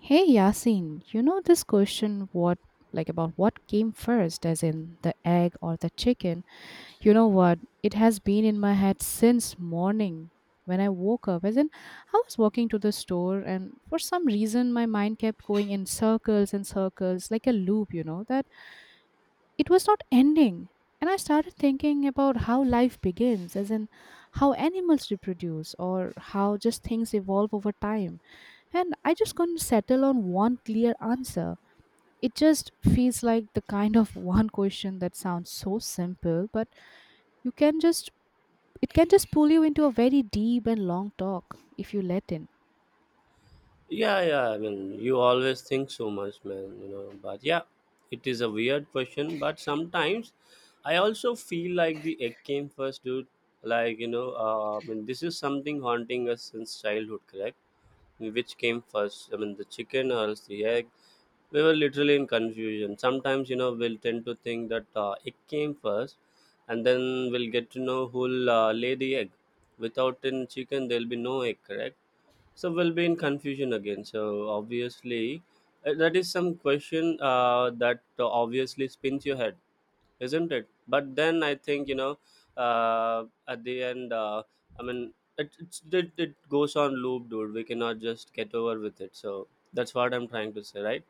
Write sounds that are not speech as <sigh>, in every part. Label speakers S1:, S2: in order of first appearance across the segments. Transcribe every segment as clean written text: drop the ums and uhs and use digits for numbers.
S1: Hey Yasin, you know this question what like about what came first, as in the egg or the chicken? You know what? It has been in my head since morning when I woke up. As in, I was walking to the store and for some reason my mind kept going in circles and circles like a loop, that it was not ending. And I started thinking about how life begins, as in how animals reproduce or how just things evolve over time. And I just couldn't settle on one clear answer. It just feels like the kind of <laughs> one question that sounds so simple, but you can just it can just pull you into a very deep and long talk if you let in.
S2: Yeah, yeah. I mean, you always think so much, man. You know, but yeah, it is a weird question. But sometimes, I also feel like the egg came first, dude. Like I mean, this is something haunting us since childhood, correct? Which came first? I mean, the chicken or else the egg? We were literally in confusion. Sometimes, you know, we'll tend to think that egg came first, and then we'll get to know who'll lay the egg. Without in chicken, there'll be no egg, correct? So we'll be in confusion again. So obviously, that is some question that obviously spins your head, isn't it? But then I think, at the end, I mean, it, it's, it goes on loop, dude. We cannot just get over with it. So that's what I'm trying to say, right?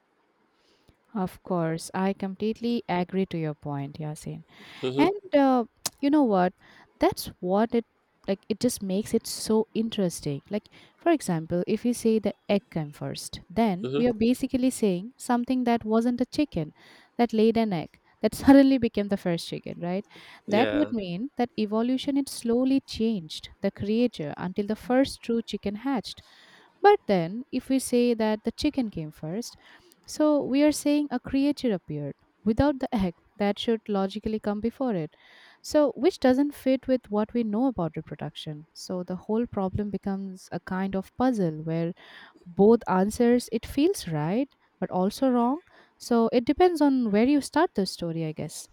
S1: Of course, I completely agree to your point, Yasin.
S2: Mm-hmm.
S1: And You know what, that's what it, like, it just makes it so interesting. Like, for example, if we say the egg came first, then we are
S2: Mm-hmm.
S1: basically saying something that wasn't a chicken that laid an egg that <laughs> suddenly became the first chicken, right? That would
S2: Yeah.
S1: mean that evolution, it slowly changed the creature until the first true chicken hatched. But then, if we say that the chicken came first, so we are saying a creature appeared without the egg that should logically come before it. So, which doesn't fit with what we know about reproduction. So, the whole problem becomes a kind of puzzle where both answers, it feels right but also wrong. So, it depends on where you start the story, I guess.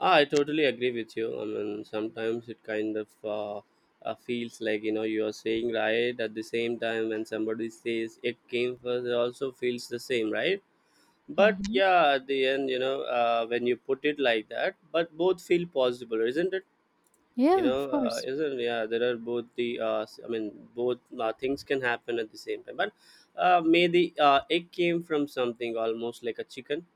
S2: Ah, I totally agree with you. I mean, sometimes it kind of feels like you know you are saying right at the same time when somebody says it came first, it also feels the same, right? But
S1: Hmm.
S2: yeah, at the end, when you put it like that, but both feel possible, isn't it?
S1: Yeah, of course.
S2: Isn't yeah? There are both the I mean, both things can happen at the same time. But may the egg came from something almost like a chicken,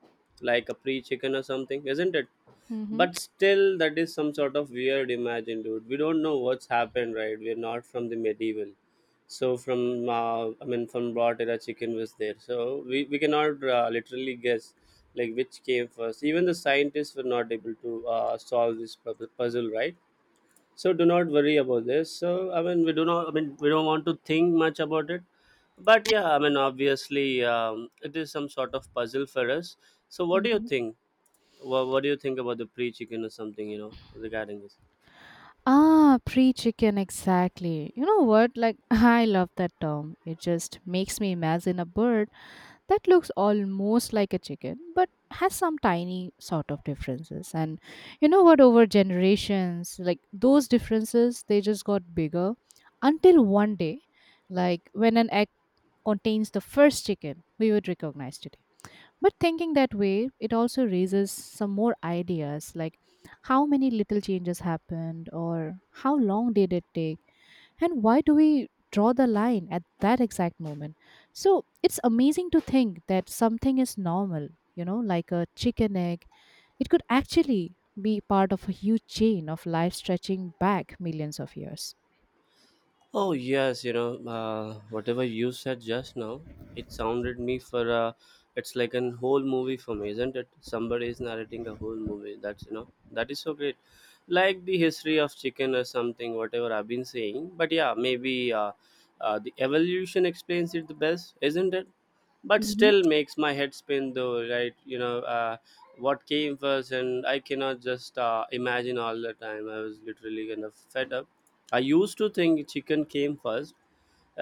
S2: like a pre-chicken or something, isn't it?
S1: Hmm.
S2: But still that is some sort of weird imagine, dude. We don't know what's happened, right? We're not from the medieval. So from I mean from what era chicken was there? So we cannot literally guess like which came first. Even the scientists were not able to solve this puzzle, right? So do not worry about this. So I mean, we do not I mean, we don't want to think much about it. But yeah, I mean, obviously it is some sort of puzzle for us. So what do you
S1: Hmm.
S2: think? What do you think about the pre-chicken or something, you know, regarding this?
S1: Ah, pre chicken, exactly. You know what? Like, <laughs> I love that term. It just makes me imagine a bird that looks almost like a chicken, but has some tiny sort of differences. And you know what? Over generations, like those differences, they just got bigger until one day, like when an egg contains the first chicken, we would recognize it. But thinking that way, it also raises some more ideas, like how many little changes happened, or how long did it take, and why do we draw the line at that exact moment. So it's amazing to think that something is normal, you know, like a chicken egg. It could actually be part of a huge chain of life stretching back millions of years.
S2: Oh yes, you know, whatever you said just now, it sounded me for, it's like an whole movie for me, isn't it? Somebody is narrating a whole movie. That's you know, that is so great. Like the history of chicken or something, whatever I've been saying. But yeah, maybe the evolution explains it the best, isn't it? But
S1: Mm-hmm,
S2: still makes my head spin though, right? What came first? And I cannot just imagine all the time. I was literally kind of fed up. I used to think chicken came first.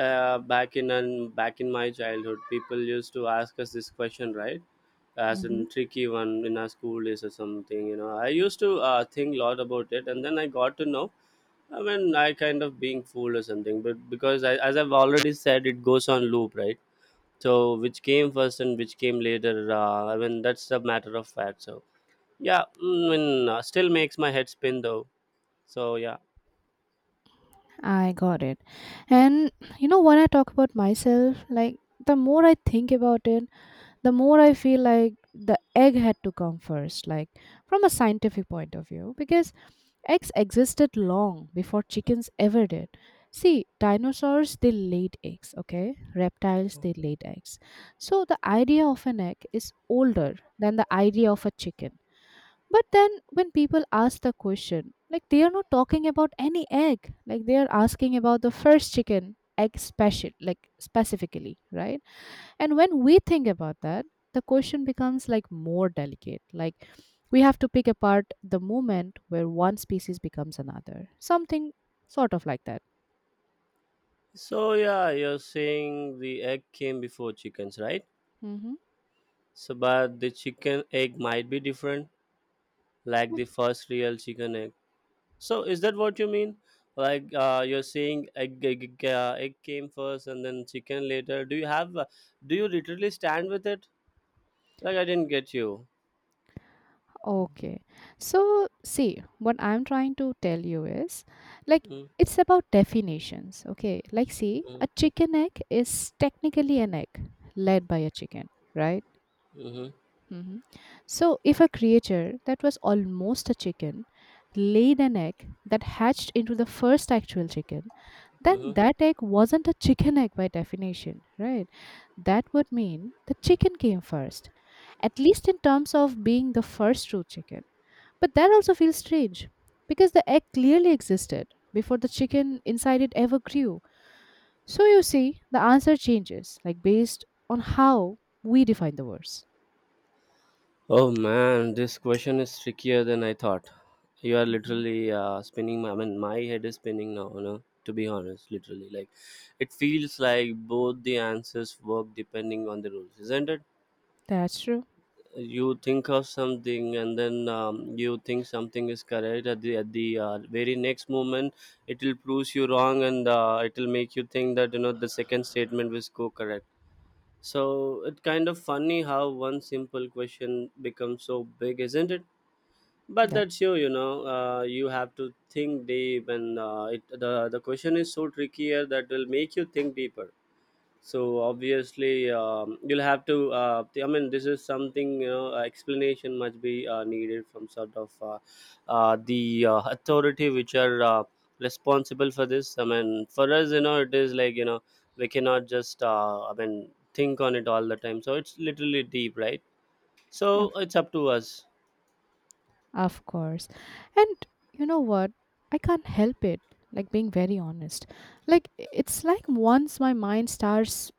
S2: Back in my childhood, people used to ask us this question, right? As
S1: mm-hmm.
S2: in tricky one in our school days or something. You know, I used to think a lot about it, and then I got to know I mean I kind of being fooled or something. But because as I've already said, it goes on loop, right? So which came first and which came later? I mean that's a matter of fact. So yeah, I mean still makes my head spin though. So yeah,
S1: I got it. And you know, when I talk about myself, like, the more I think about it, the more I feel like the egg had to come first, like, from a scientific point of view, because eggs existed long before chickens ever did. See, dinosaurs, they laid eggs, okay? Reptiles, they laid eggs. So the idea of an egg is older than the idea of a chicken. But then when people ask the question, like, they are not talking about any egg, like, they are asking about the first chicken egg special, like specifically, right? And when we think about that, the question becomes like more delicate. Like, we have to pick apart the moment where one species becomes another. Something sort of like that.
S2: so yeah, you're saying the egg came before chickens, right?
S1: Hmm.
S2: So but the chicken egg might be different, like the first real chicken egg. So is that what you mean? Like you're saying egg came first and then chicken later. Do you have? Do you literally stand with it? Like I didn't get you.
S1: Okay. So, see, what I'm trying to tell you is, like,
S2: Mm-hmm.
S1: it's about definitions. Okay. Like, see,
S2: Mm-hmm.
S1: a chicken egg is technically an egg laid by a chicken, right?
S2: Mm-hmm,
S1: Mhm. So, if a creature that was almost a chicken laid an egg that hatched into the first actual chicken, then
S2: mm-hmm.
S1: that egg wasn't a chicken egg by definition, right? That would mean the chicken came first, at least in terms of being the first true chicken. But that also feels strange because the egg clearly existed before the chicken inside it ever grew. So, you see, the answer changes, like, based on how we define the words.
S2: Oh man, this question is trickier than I thought. You are
S1: Mhm.
S2: literally spinning my. I mean, my head is spinning now. You know, to be honest, literally, like it feels like both the answers work depending on the rules, isn't it?
S1: That's true.
S2: You think of something, and then you think something is correct. At the very next moment, it will prove you wrong, and it will make you think that you know the second statement was co correct. So it's kind of funny how one simple question becomes so big, isn't it? But
S1: That,
S2: that's you, you know, you have to think deep, and the question is so trickier that will make you think deeper. So obviously you'll have to I mean, this is something you know, explanation must be needed from sort of the authority which are responsible for this. I mean, for us, you know, it is like you know we cannot just I mean think on it all the time. So it's literally deep, right? So
S1: Of
S2: it's up to us.
S1: of course. And you know what? I can't help it. Like, being very honest. Like, it's like once my mind starts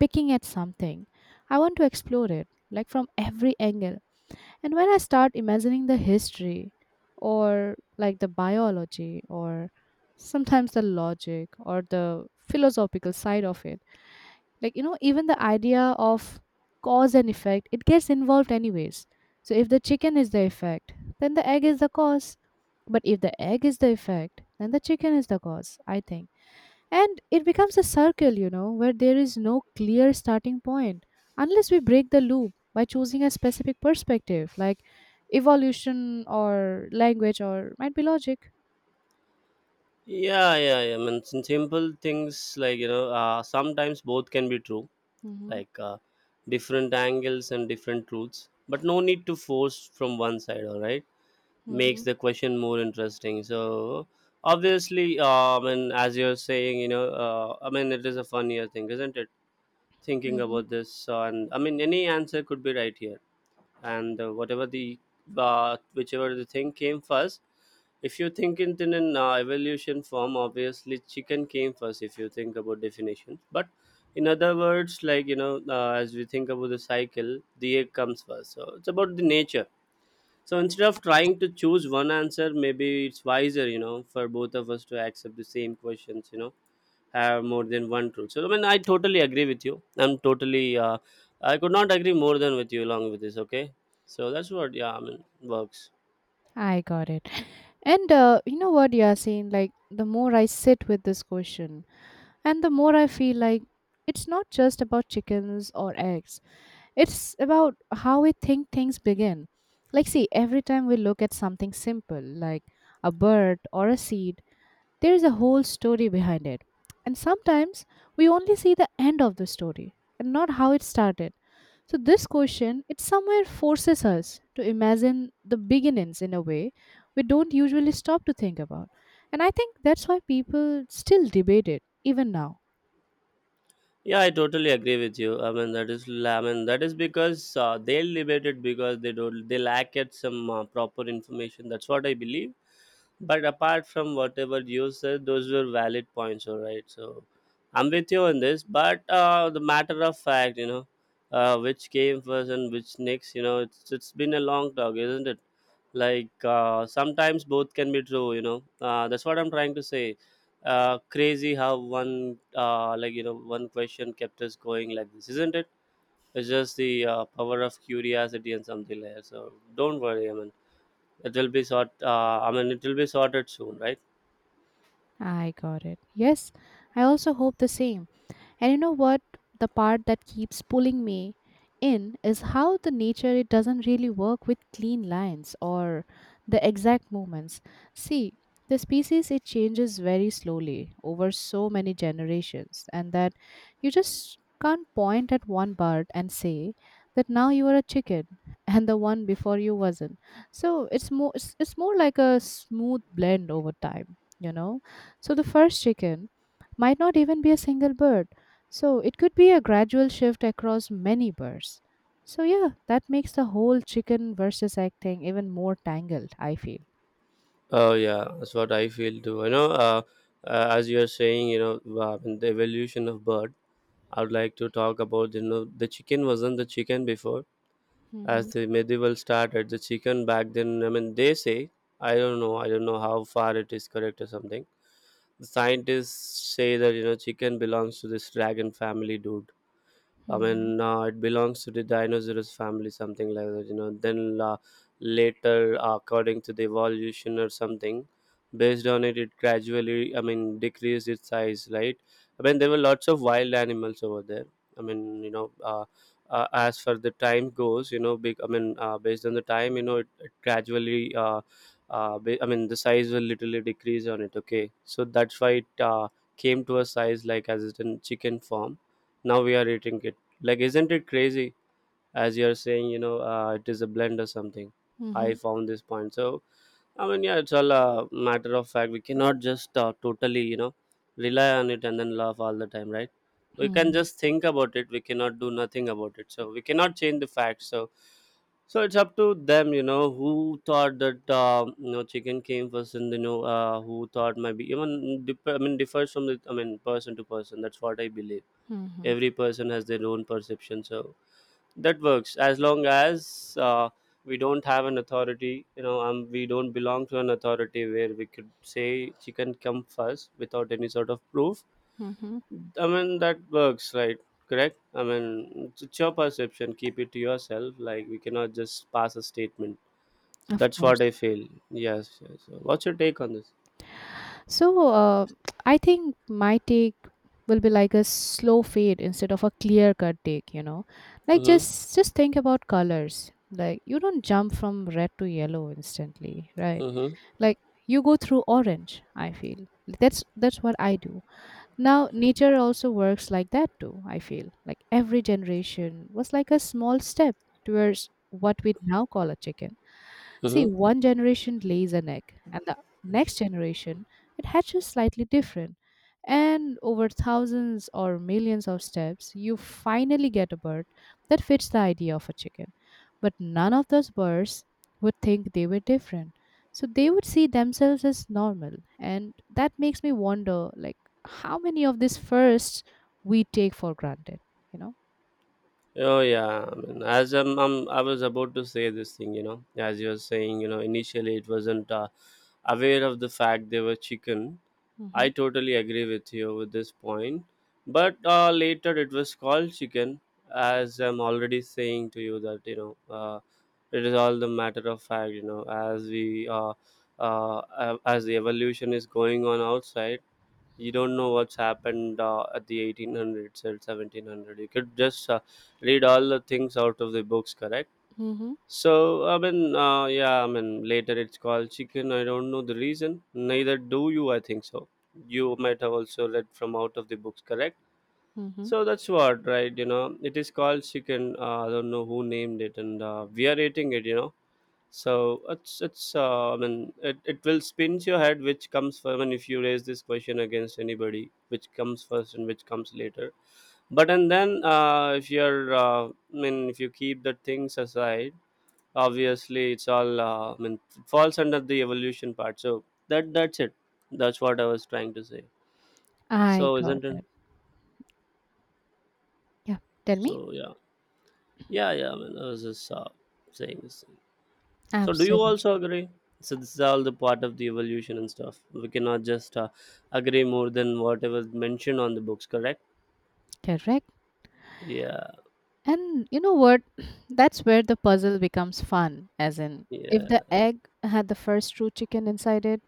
S1: picking at something, I want to explore it, like, from every angle. And when I start imagining the history, or like the biology, or sometimes the logic or the philosophical side of it, like, you know, even the idea of cause and effect, it gets involved anyways. So if the chicken is the effect, then the egg is the cause. But if the egg is the effect, then the chicken is the cause, I think. And it becomes a circle, you know, where there is no clear starting point, unless we break the loop by choosing a specific perspective, like evolution or language, or might be logic.
S2: Yeah, yeah, yeah. I mean, some simple things like you know, sometimes both can be true,
S1: Mm-hmm,
S2: like different angles and different truths. But no need to force from one side. All right, makes
S1: mm-hmm,
S2: the question more interesting. So obviously, I mean, as you're saying, you know, I mean, it is a funnier thing, isn't it? Thinking
S1: mm-hmm.
S2: about this, and I mean, any answer could be right here, and whatever the whichever the thing came first. If you think it in an evolution form, obviously chicken came first. If you think about definition, but in other words, like you know as we think about the cycle, the egg comes first. So it's about the nature. So instead of trying to choose one answer, maybe it's wiser, you know, for both of us to accept the same questions you know have more than one truth. So I mean, I totally agree with you. I'm totally. I could not agree more than with you along with this. Okay, so that's what yeah. I mean works.
S1: I got it. And you know what, you are saying? Like, the more I sit with this question, and the more I feel like it's not just about chickens or eggs, it's about how we think things begin. Like, see, every time we look at something simple, like a bird or a seed, there is a whole story behind it. And sometimes we only see the end of the story and not how it started. So this question, it somewhere forces us to imagine the beginnings in a way we don't usually stop to think about. And I think that's why people still debate it even now.
S2: Yeah, I totally agree with you. I mean, that is because they debate it because they don't, they lack at some proper information. That's what I believe. But apart from whatever you said, those were valid points. All right, so I'm with you on this. But the matter of fact, you know, which came first and which next, you know, it's been a long talk, isn't it? Like sometimes both can be true, you know. That's what I'm trying to say. Crazy how one like you know one question kept us going like this, isn't it? It's just the power of curiosity and something like that. So don't worry, I mean, it will be sort I mean, it will be sorted soon, right?
S1: I got it. Yes, I also hope the same. And you know what? The part that keeps pulling me in is how the nature, it doesn't really work with clean lines or the exact movements. See, the species, it changes very slowly over so many generations, and that, you just can't point at one bird and say that now you are a chicken <laughs> and the one before you wasn't. So it's more, it's more like a smooth blend over time, you know. So the first chicken might not even be a single bird, so it could be a gradual shift across many birds. So, yeah, that makes the whole chicken versus egg thing even more tangled, I feel.
S2: Oh yeah, that's what I feel too, as you are saying, you know, the evolution of bird I would like to talk about. You know, the chicken wasn't the chicken before. As
S1: Mm-hmm.
S2: the medieval started, the chicken back then, I mean they say, I don't know, I don't know how far it is correct or something. The scientists say that you know chicken belongs to this dragon family, dude. I
S1: Mm-hmm.
S2: mean, it belongs to the dinosaurs family, something like that, you know. Then later, according to the evolution or something, based on it, it gradually, I mean, decreased its size, right? I mean, there were lots of wild animals over there. I mean, you know, as for the time goes, you know, I mean, based on the time, you know, it gradually, I mean, the size will literally decrease on it, okay? So that's why it came to a size like as it in chicken form. Now we are eating it, like isn't it crazy? As you're saying, you know, it is a blend or something. I
S1: Mm-hmm.
S2: found this point. So I mean, yeah, it's all a matter of fact. We cannot just totally, you know, rely on it and then laugh all the time, right? We can
S1: Mm-hmm.
S2: just think about it. We cannot do nothing about it, so we cannot change the facts. So so it's up to them, you know, who thought that you know chicken came first, and you know who thought maybe even I mean differs from the I mean person to person, that's what I believe.
S1: Mm-hmm.
S2: Every person has their own perception. So that works as long as we don't have an authority, you know, we don't belong to an authority where we could say chicken come first without any sort of proof.
S1: Mm-hmm.
S2: I mean, that works, right? Correct, I mean, it's your perception. Keep it to yourself. Like we cannot just pass a statement. So
S1: Of
S2: that's what
S1: course.
S2: I feel. Yes, yes. So what's your take on this?
S1: So, I think my take will be like a slow fade instead of a clear cut take, you know. Like,
S2: Mm-hmm,
S1: just think about colors. Like, you don't jump from red to yellow instantly, right?
S2: mm-hmm,
S1: Like, you go through orange, I feel. That's what I do. Now, nature also works like that too, I feel. Like, every generation was like a small step towards what we now call a chicken. See,
S2: mm-hmm.
S1: one generation lays an egg, and the next generation, it hatches slightly different. And over thousands or millions of steps, you finally get a bird that fits the idea of a chicken. But none of those birds would think they were different. So they would see themselves as normal. And that makes me wonder, like, how many of these firsts we take for granted, you know.
S2: Oh yeah, I mean, I was about to say this thing, you know, as you were saying, you know, initially it wasn't aware of the fact they were chicken. I
S1: Hmm.
S2: totally agree with you with this point, but later it was called chicken, as I'm already saying to you that you know, it is all the matter of fact, you know, as as the evolution is going on outside, you don't know what's happened at the 1800s or 1700. You could just read all the things out of the books, correct?
S1: Mm-hmm.
S2: So I mean, yeah, I mean, later it's called chicken. I don't know the reason, neither do you, I think so. You might have also read from out of the books, correct?
S1: Mm-hmm.
S2: So that's what, right? You know, it is called chicken. I don't know who named it, and we are eating it, you know. So it's I mean, it will spins your head, which comes first. I mean, if you raise this question against anybody, which comes first and which comes later? But and then if you're I mean, if you keep the things aside, obviously it's all I mean, it falls under the evolution part. So that's it. That's what I was trying to say.
S1: I
S2: So
S1: got
S2: isn't it?
S1: it. Yeah, tell
S2: So
S1: me.
S2: yeah. Yeah, I mean, I was just saying this. So, do you also
S1: Absolutely.
S2: agree? So, this is all the part of the evolution and stuff. We cannot just agree more than whatever is mentioned on the books, correct?
S1: Correct.
S2: Yeah,
S1: And you know what? <clears throat> That's where the puzzle becomes fun, as in, if the
S2: yeah.
S1: egg had the first true chicken inside it,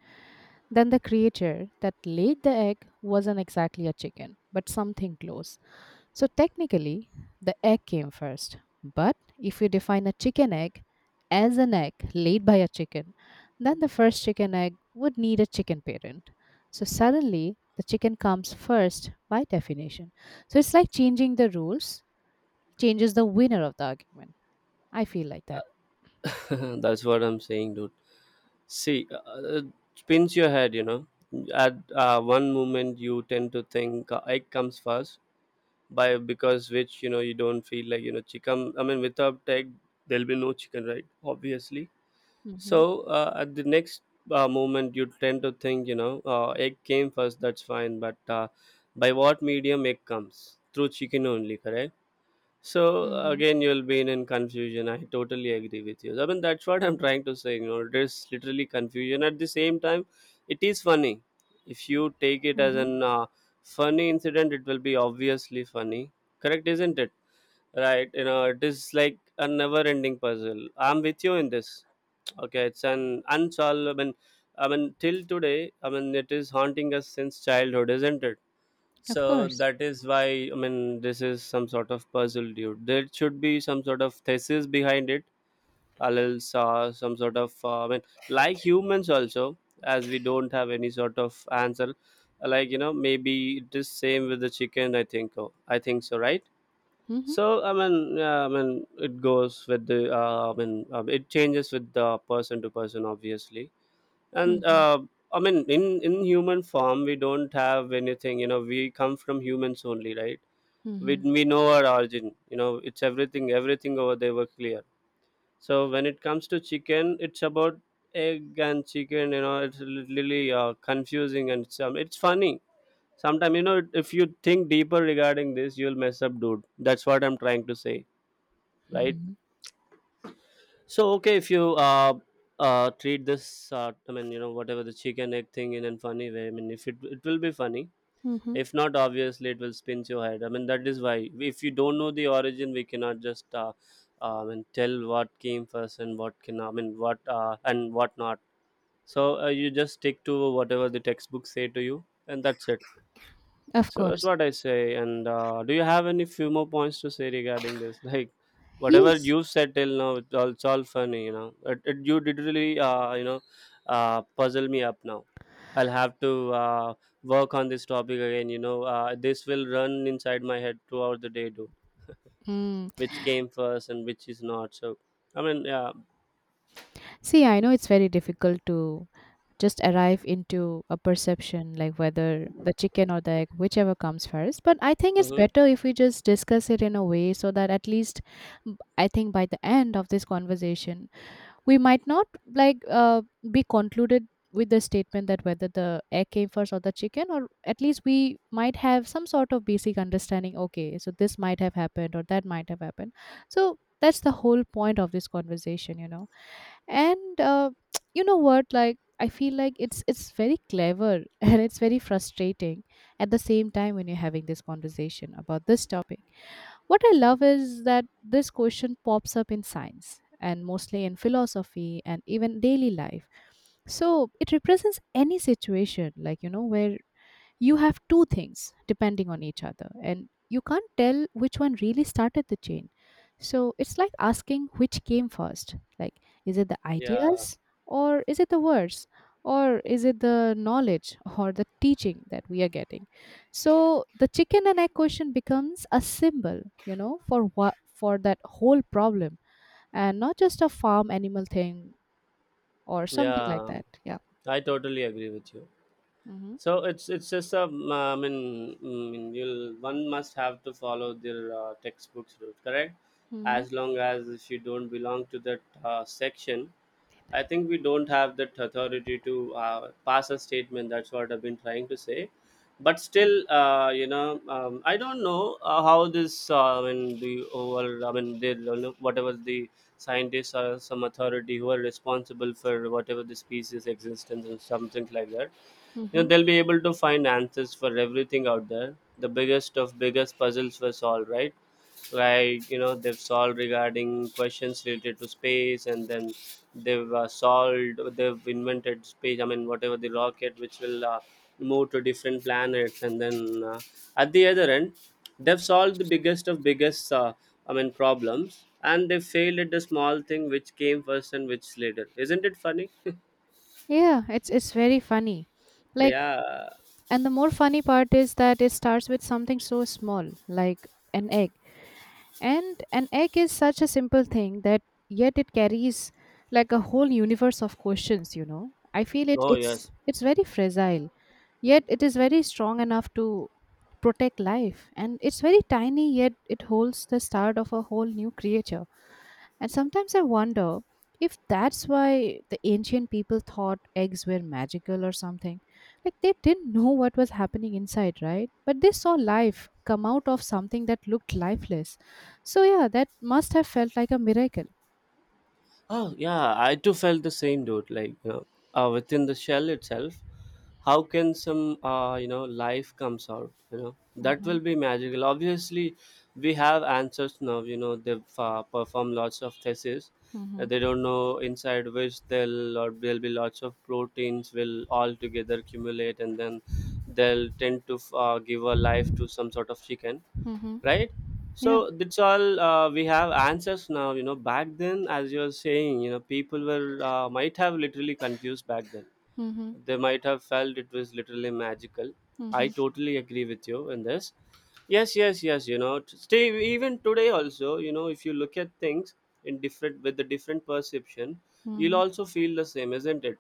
S1: then the creature that laid the egg wasn't exactly a chicken but something close. So technically, the egg came first. But if you define a chicken egg as an egg laid by a chicken, then the first chicken egg would need a chicken parent. So suddenly, the chicken comes first by definition. So it's like changing the rules changes the winner of the argument. I feel like that.
S2: <laughs> That's what I'm saying, dude. See, it spins your head, you know. At one moment, you tend to think egg comes first, by because which, you know, you don't feel like, you know, chicken. I mean, without egg, there'll be no chicken, right? Obviously.
S1: Mhm,
S2: So at the next moment, you tend to think, you know, egg came first, that's fine. But by what medium egg comes? Through chicken only, correct? So
S1: mhm,
S2: again, you'll be in confusion. I totally agree with you. I mean, that's what I'm trying to say. You know, there's literally confusion. At the same time, it is funny. If you take it as
S1: mhm.
S2: an funny incident, it will be obviously funny. Correct, isn't it? Right? You know, it is like a never-ending puzzle. I'm with you in this. Okay, it's an unsolved. I mean, till today, I mean, it is haunting us since childhood, isn't it?
S1: Of
S2: So
S1: course.
S2: that is why, I mean, this is some sort of puzzle, dude. There should be some sort of thesis behind it, a little some sort of. I mean, like humans also, as we don't have any sort of answer. Like, you know, maybe it is same with the chicken. I think. Oh, I think so, right?
S1: Mhm,
S2: So I mean, yeah, I mean, it goes with the. I mean, it changes with the person to person, obviously. And
S1: mhm,
S2: I mean, in human form, we don't have anything. You know, we come from humans only, right? We
S1: mhm,
S2: we know our origin. You know, it's everything. Everything over there were clear. So when it comes to chicken, it's about egg and chicken. You know, it's really confusing and it's funny. Sometimes, you know, if you think deeper regarding this, you'll mess up, dude. That's what I'm trying to say, right?
S1: mhm,
S2: So okay, if you treat this, I mean, you know, whatever the chicken egg thing in a funny way. I mean, if it will be funny.
S1: mhm.
S2: If not, obviously it will spin your head. I mean, that is why if you don't know the origin, we cannot just I mean, tell what came first and what can I mean what and what not. So you just stick to whatever the textbooks say to you, and that's it.
S1: Of
S2: So that's
S1: course.
S2: what I say. And do you have any few more points to say regarding this? <laughs> Like whatever
S1: Yes.
S2: you said till now, it's all funny, you know. You did really, you know, puzzle me up now. I'll have to work on this topic again. You know, this will run inside my head throughout the day, dude.
S1: Mm.
S2: Which came first and which is not. So I mean, yeah,
S1: See, I know it's very difficult to just arrive into a perception like whether the chicken or the egg, whichever comes first. But I think it's
S2: hmm,
S1: better if we just discuss it in a way so that at least, mm, I think by the end of this conversation, we might not, like uh, be concluded with the statement that whether the egg came first or the chicken, or at least we might have some sort of basic understanding, okay, so this might have happened or that might have happened. So that's the whole point of this conversation, you know. And <tsk> you know what, like, I feel like it's very clever <laughs> and it's very frustrating at the same time when you're having this conversation about this topic. What I love is that this question pops up in science, and mostly in philosophy, and even daily life. So it represents any situation, like, you know, where you have two things depending on each other and you can't tell which one really started the chain. So it's like asking which came first, like, is it the
S2: yeah,
S1: ideas, or is it the words, or is it the knowledge or the teaching that we are getting? So the chicken and egg question becomes a symbol, you know, for what, for that whole problem, and not just a farm animal thing or something like
S2: yeah.
S1: that. Yeah.
S2: I totally agree with you.
S1: Mm-hmm.
S2: So it's just a, I mean, mm, you'll one must have to follow their textbooks route, correct?
S1: Mm-hmm.
S2: As long as if you don't belong to that section, I think we don't have that authority to pass a statement. That's what I've been trying to say. But still, you know, I don't know how this. I mean, the overall, I mean, they, you know, whatever the scientists or some authority who are responsible for whatever the species existence and something like that, you know,
S1: Mm-hmm.
S2: they'll be able to find answers for everything out there. The biggest of biggest puzzles were solved, right? Like, you know, they've solved regarding questions related to space, and then they've solved, they've invented space, I mean, whatever the rocket which will move to different planets, and then at the other end, they've solved the biggest of biggest I mean problems, and they failed at the small thing, which came first and which later. Isn't it funny?
S1: Yeah, it's very funny. Like,
S2: Yeah.
S1: and the more funny part is that it starts with something so small, like an egg. And an egg is such a simple thing that yet it carries like a whole universe of questions, you know. I feel it
S2: Oh
S1: it's
S2: yes.
S1: it's very fragile, yet it is very strong enough to protect life. And it's very tiny, yet it holds the start of a whole new creature. And sometimes I wonder if that's why the ancient people thought eggs were magical or something. Like they didn't know what was happening inside, right? But they saw life come out of something that looked lifeless. So, yeah, that must have felt like a miracle.
S2: Oh yeah, I too felt the same, dude. Like, you know, within the shell itself, how can some you know, life comes out? You know that
S1: Mm-hmm,
S2: will be magical. Obviously, we have answers now. You know they've performed lots of theses.
S1: mm-hmm,
S2: They don't know inside which they'll or there'll be lots of proteins will all together accumulate, and then they'll tend to give a life to some sort of chicken,
S1: mm-hmm.
S2: right?
S1: Yeah.
S2: So that's all we have answers now. You know, back then, as you're saying, you know, people were might have literally confused back then.
S1: Mm-hmm,
S2: They might have felt it was literally magical. I
S1: mm-hmm,
S2: totally agree with you in this. Yes, yes, yes. You know, stay, even today also, you know, if you look at things in different with a different perception, you'll
S1: mm-hmm.
S2: also feel the same, isn't it?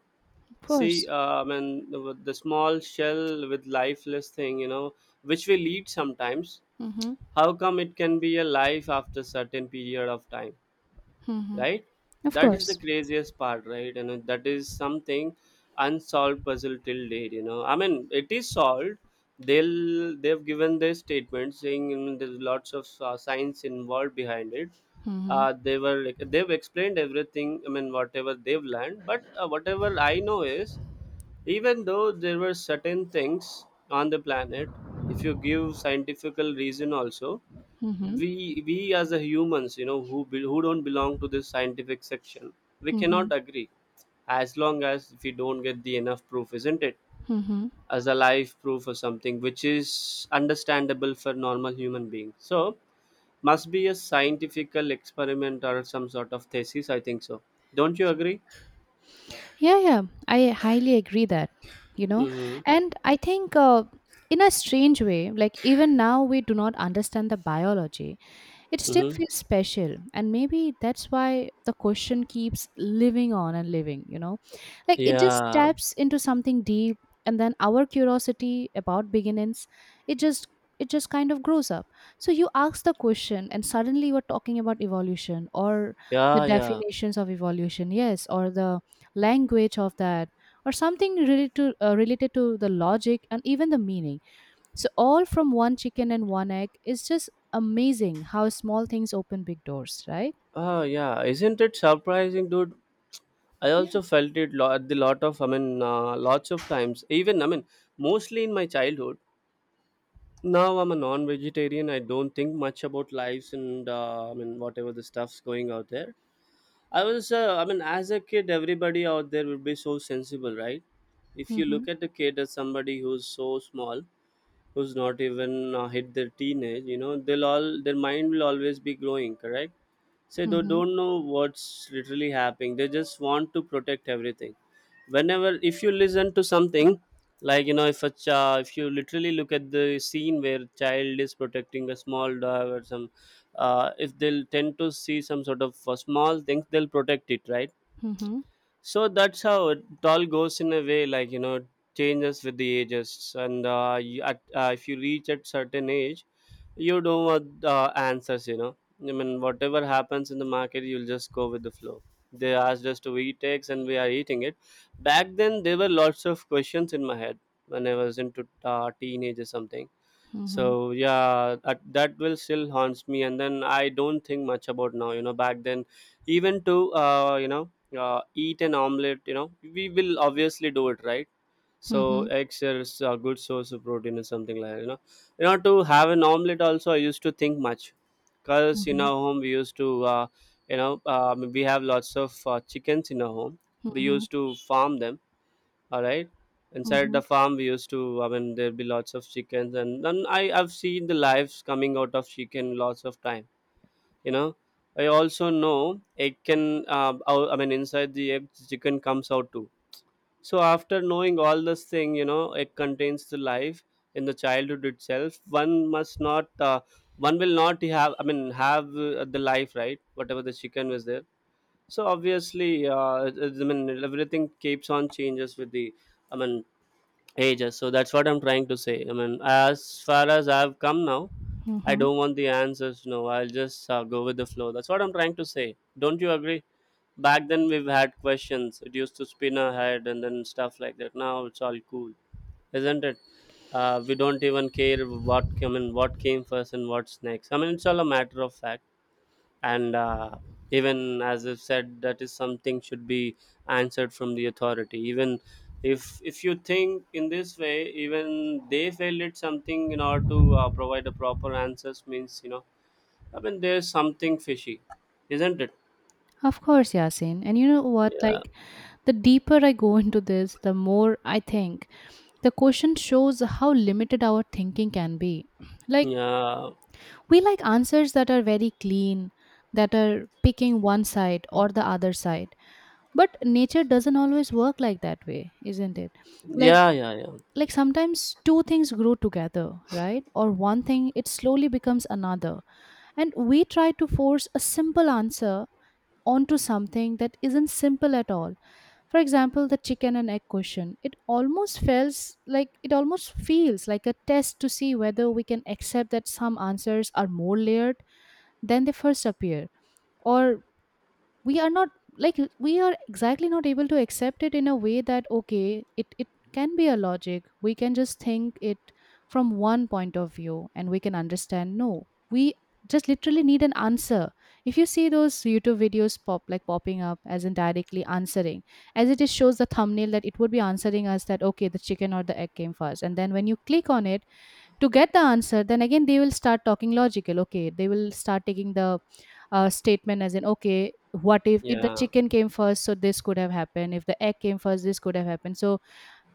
S1: Of
S2: See,
S1: course.
S2: I mean, the small shell with lifeless thing, you know, which we lead sometimes,
S1: Mm-hmm,
S2: how come it can be a life after certain period of time,
S1: mm-hmm.
S2: right?
S1: Of
S2: That is the
S1: course.
S2: craziest part, right? And that is something unsolved puzzle till date. You know, I mean, it is solved. They've given their statement, saying, you know, there's lots of science involved behind it.
S1: Mm-hmm,
S2: Uh, they were like, they've explained everything, I mean, whatever they've learned. But whatever I know is, even though there were certain things on the planet, if you give scientifical reason also,
S1: mm-hmm,
S2: we as a humans, you know, who don't belong to this scientific section, we
S1: mm-hmm,
S2: cannot agree as long as we don't get the enough proof, isn't it,
S1: mm-hmm.
S2: as a live proof or something which is understandable for normal human being. So must be a scientifical experiment or some sort of thesis, I think so. Don't you agree?
S1: Yeah, yeah, I highly agree that, you know,
S2: Mm-hmm.
S1: and I think in a strange way, like even now we do not understand the biology, it still
S2: Mm-hmm.
S1: feels special, and maybe that's why the question keeps living on and living, you know? Like it just
S2: Yeah,
S1: taps into something deep, and then our curiosity about beginnings, it just it just kind of grows up. So you ask the question, and suddenly you're talking about evolution or the
S2: yeah, yeah.
S1: definitions of evolution, yes, or the language of that, or something related to related to the logic and even the meaning, so all from one chicken and one egg is just amazing how small things open big doors, right?
S2: Ah, yeah. Isn't it surprising, dude? I
S1: Yeah.
S2: also felt it at the lot of, I mean, lots of times. Even, I mean, mostly in my childhood. Now I'm a non-vegetarian. I don't think much about lives and, I mean, whatever the stuff's going out there. I was, I mean, as a kid, everybody out there would be so sensible, right? If you
S1: Mm-hmm.
S2: look at a kid as somebody who's so small, who's not even hit their teenage, you know, they'll all, their mind will always be glowing, correct? Say they
S1: Mm-hmm.
S2: don't know what's literally happening. They just want to protect everything. Whenever, if you listen to something, like you know, if a child, if you literally look at the scene where child is protecting a small dog or some if they'll tend to see some sort of small things, they'll protect it, right?
S1: Mm-hmm.
S2: So that's how it all goes in a way, like you know, changes with the ages, and if you reach at certain age, you don't want answers, you know. I mean, whatever happens in the market, you'll just go with the flow. They asked us to eat eggs and we are eating it. Back then there were lots of questions in my head when I was into teenage or something.
S1: Mm-hmm.
S2: So yeah, that will still haunts me and then I don't think much about now, you know. Back then even to you know, eat an omelet, you know, we will obviously do it, right?
S1: Mm-hmm.
S2: So
S1: Mm-hmm.
S2: eggs is a good source of protein or something like that, you know. You know, to have an omelet also I used to think much, because in our home we used to you know, we have lots of chickens in our home. We
S1: Mm-hmm.
S2: used to farm them. All right, inside
S1: Mm-hmm.
S2: the farm we used to, I mean, there'd be lots of chickens, and then I've seen the lives coming out of chicken lots of time. You know, I also know egg can I mean, inside the egg chicken comes out too. So after knowing all this thing, you know, it contains the life. In the childhood itself one must not one will not have, I mean, have the life, right, whatever the chicken was there. So obviously, I mean, everything keeps on changes with the, I mean, ages. So that's what I'm trying to say. I mean, as far as I've come now, I
S1: Mm-hmm.
S2: don't want the answers. No, I'll just go with the flow. That's what I'm trying to say. Don't you agree? Back then, we've had questions. It used to spin our head and then stuff like that. Now it's all cool, isn't it? We don't even care what came in, what came first, and what's next. I mean, it's all a matter of fact. And even as I've said, that is something should be answered from the authority. Even if you think in this way, even they failed at something in order to provide a proper answers means, you know, I mean there's something fishy, isn't it?
S1: Of course, Yasin. And you know what?
S2: yeah
S1: Like, the deeper I go <laughs> into this, the more I think. The question shows how limited our thinking can be. Like,
S2: yeah
S1: we like answers that are very clean, that are picking one side or the other side, but nature doesn't always work like that way, isn't it? like
S2: yeah yeah yeah
S1: like sometimes two things grow together, right? Or one thing, it slowly becomes another, and we try to force a simple answer onto something that isn't simple at all. For example, the chicken and egg question, it almost feels like, it almost feels like a test to see whether we can accept that some answers are more layered than they first appear. Or, we are not, like we are exactly not able to accept it in a way that, okay, it can be a logic, we can just think it from one point of view and we can understand. No, we just literally need an answer. If you see those YouTube videos pop, like popping up as in directly answering, as it is, shows the thumbnail that it would be answering us that okay, the chicken or the egg came first, and then when you click on it to get the answer, then again they will start talking logical. Okay, they will start taking the statement as in okay, what if the
S2: yeah
S1: chicken came first, so this could have happened. If the egg came first, this could have happened. So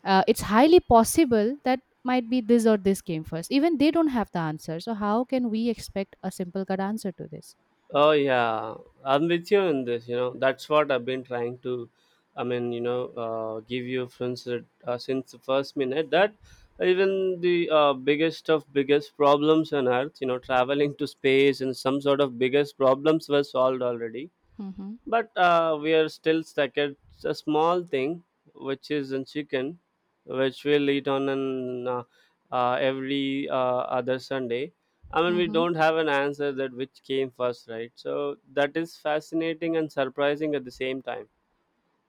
S1: it's highly possible that might be this or this came first. Even they don't have the answer, so how can we expect a simple cut answer to this?
S2: Oh yeah, I'm with you in this. You know, that's what I've been trying to. I mean, you know, give you since since the first minute that even the biggest of biggest problems on Earth, you know, traveling to space and some sort of biggest problems were solved already.
S1: Mm-hmm.
S2: But we are still stuck at a small thing, which is in chicken, which we'll eat on an every other Sunday. I mean, we
S1: Mm-hmm.
S2: don't have an answer that which came first, right? So that is fascinating and surprising at the same time.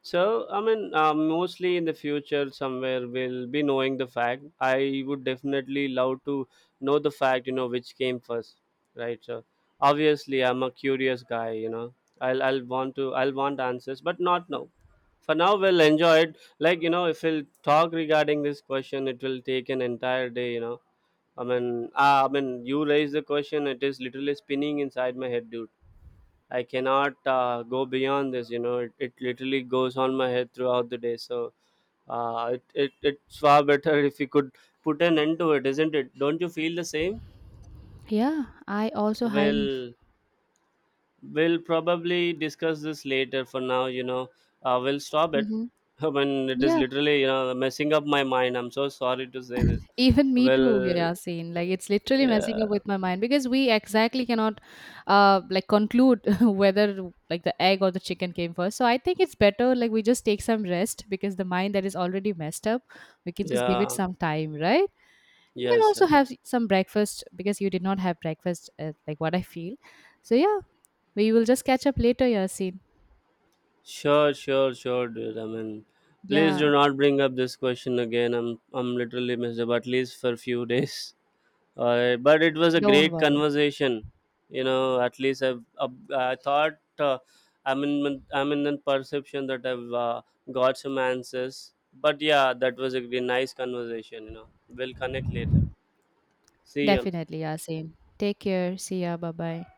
S2: So, I mean, mostly in the future, somewhere we'll be knowing the fact. I would definitely love to know the fact, you know, which came first, right? So, obviously, I'm a curious guy, you know. I'll want answers, but not now. For now, we'll enjoy it. Like you know, if we'll talk regarding this question, it will take an entire day. You know, I mean, you raise the question, it is literally spinning inside my head, dude. I cannot go beyond this. You know, it literally goes on my head throughout the day. So it's far better if you could put an end to it, isn't it? Don't you feel the same?
S1: Yeah, I also highly.
S2: Well, we'll probably discuss this later. For now, you know, we'll stop it.
S1: Mm-hmm.
S2: <laughs> When it is
S1: Yeah.
S2: literally, you know, messing up my mind. I'm so sorry to say this.
S1: Even me too,
S2: Well,
S1: Yasin. Like it's literally messing
S2: yeah,
S1: up with my mind because we exactly cannot, like conclude <laughs> whether like the egg or the chicken came first. So I think it's better, like we just take some rest, because the mind that is already messed up, we can just give it
S2: yeah,
S1: some time, right? You can
S2: yes,
S1: also
S2: yes.
S1: have some breakfast, because you did not have breakfast, like what I feel. So yeah, we will just catch up later, Yasin.
S2: Sure, sure, sure, dude. I mean, please
S1: Yeah,
S2: do not bring up this question again. I'm literally messed up at least for a few <laughs> days. But it was a
S1: don't
S2: great
S1: worry.
S2: conversation. You know, at least I've, I thought I'm in the perception that I've got some answers. But yeah, that was a really nice conversation. You know, we'll connect later. See ya.
S1: Definitely, Yasin. Take care. See ya. Bye bye.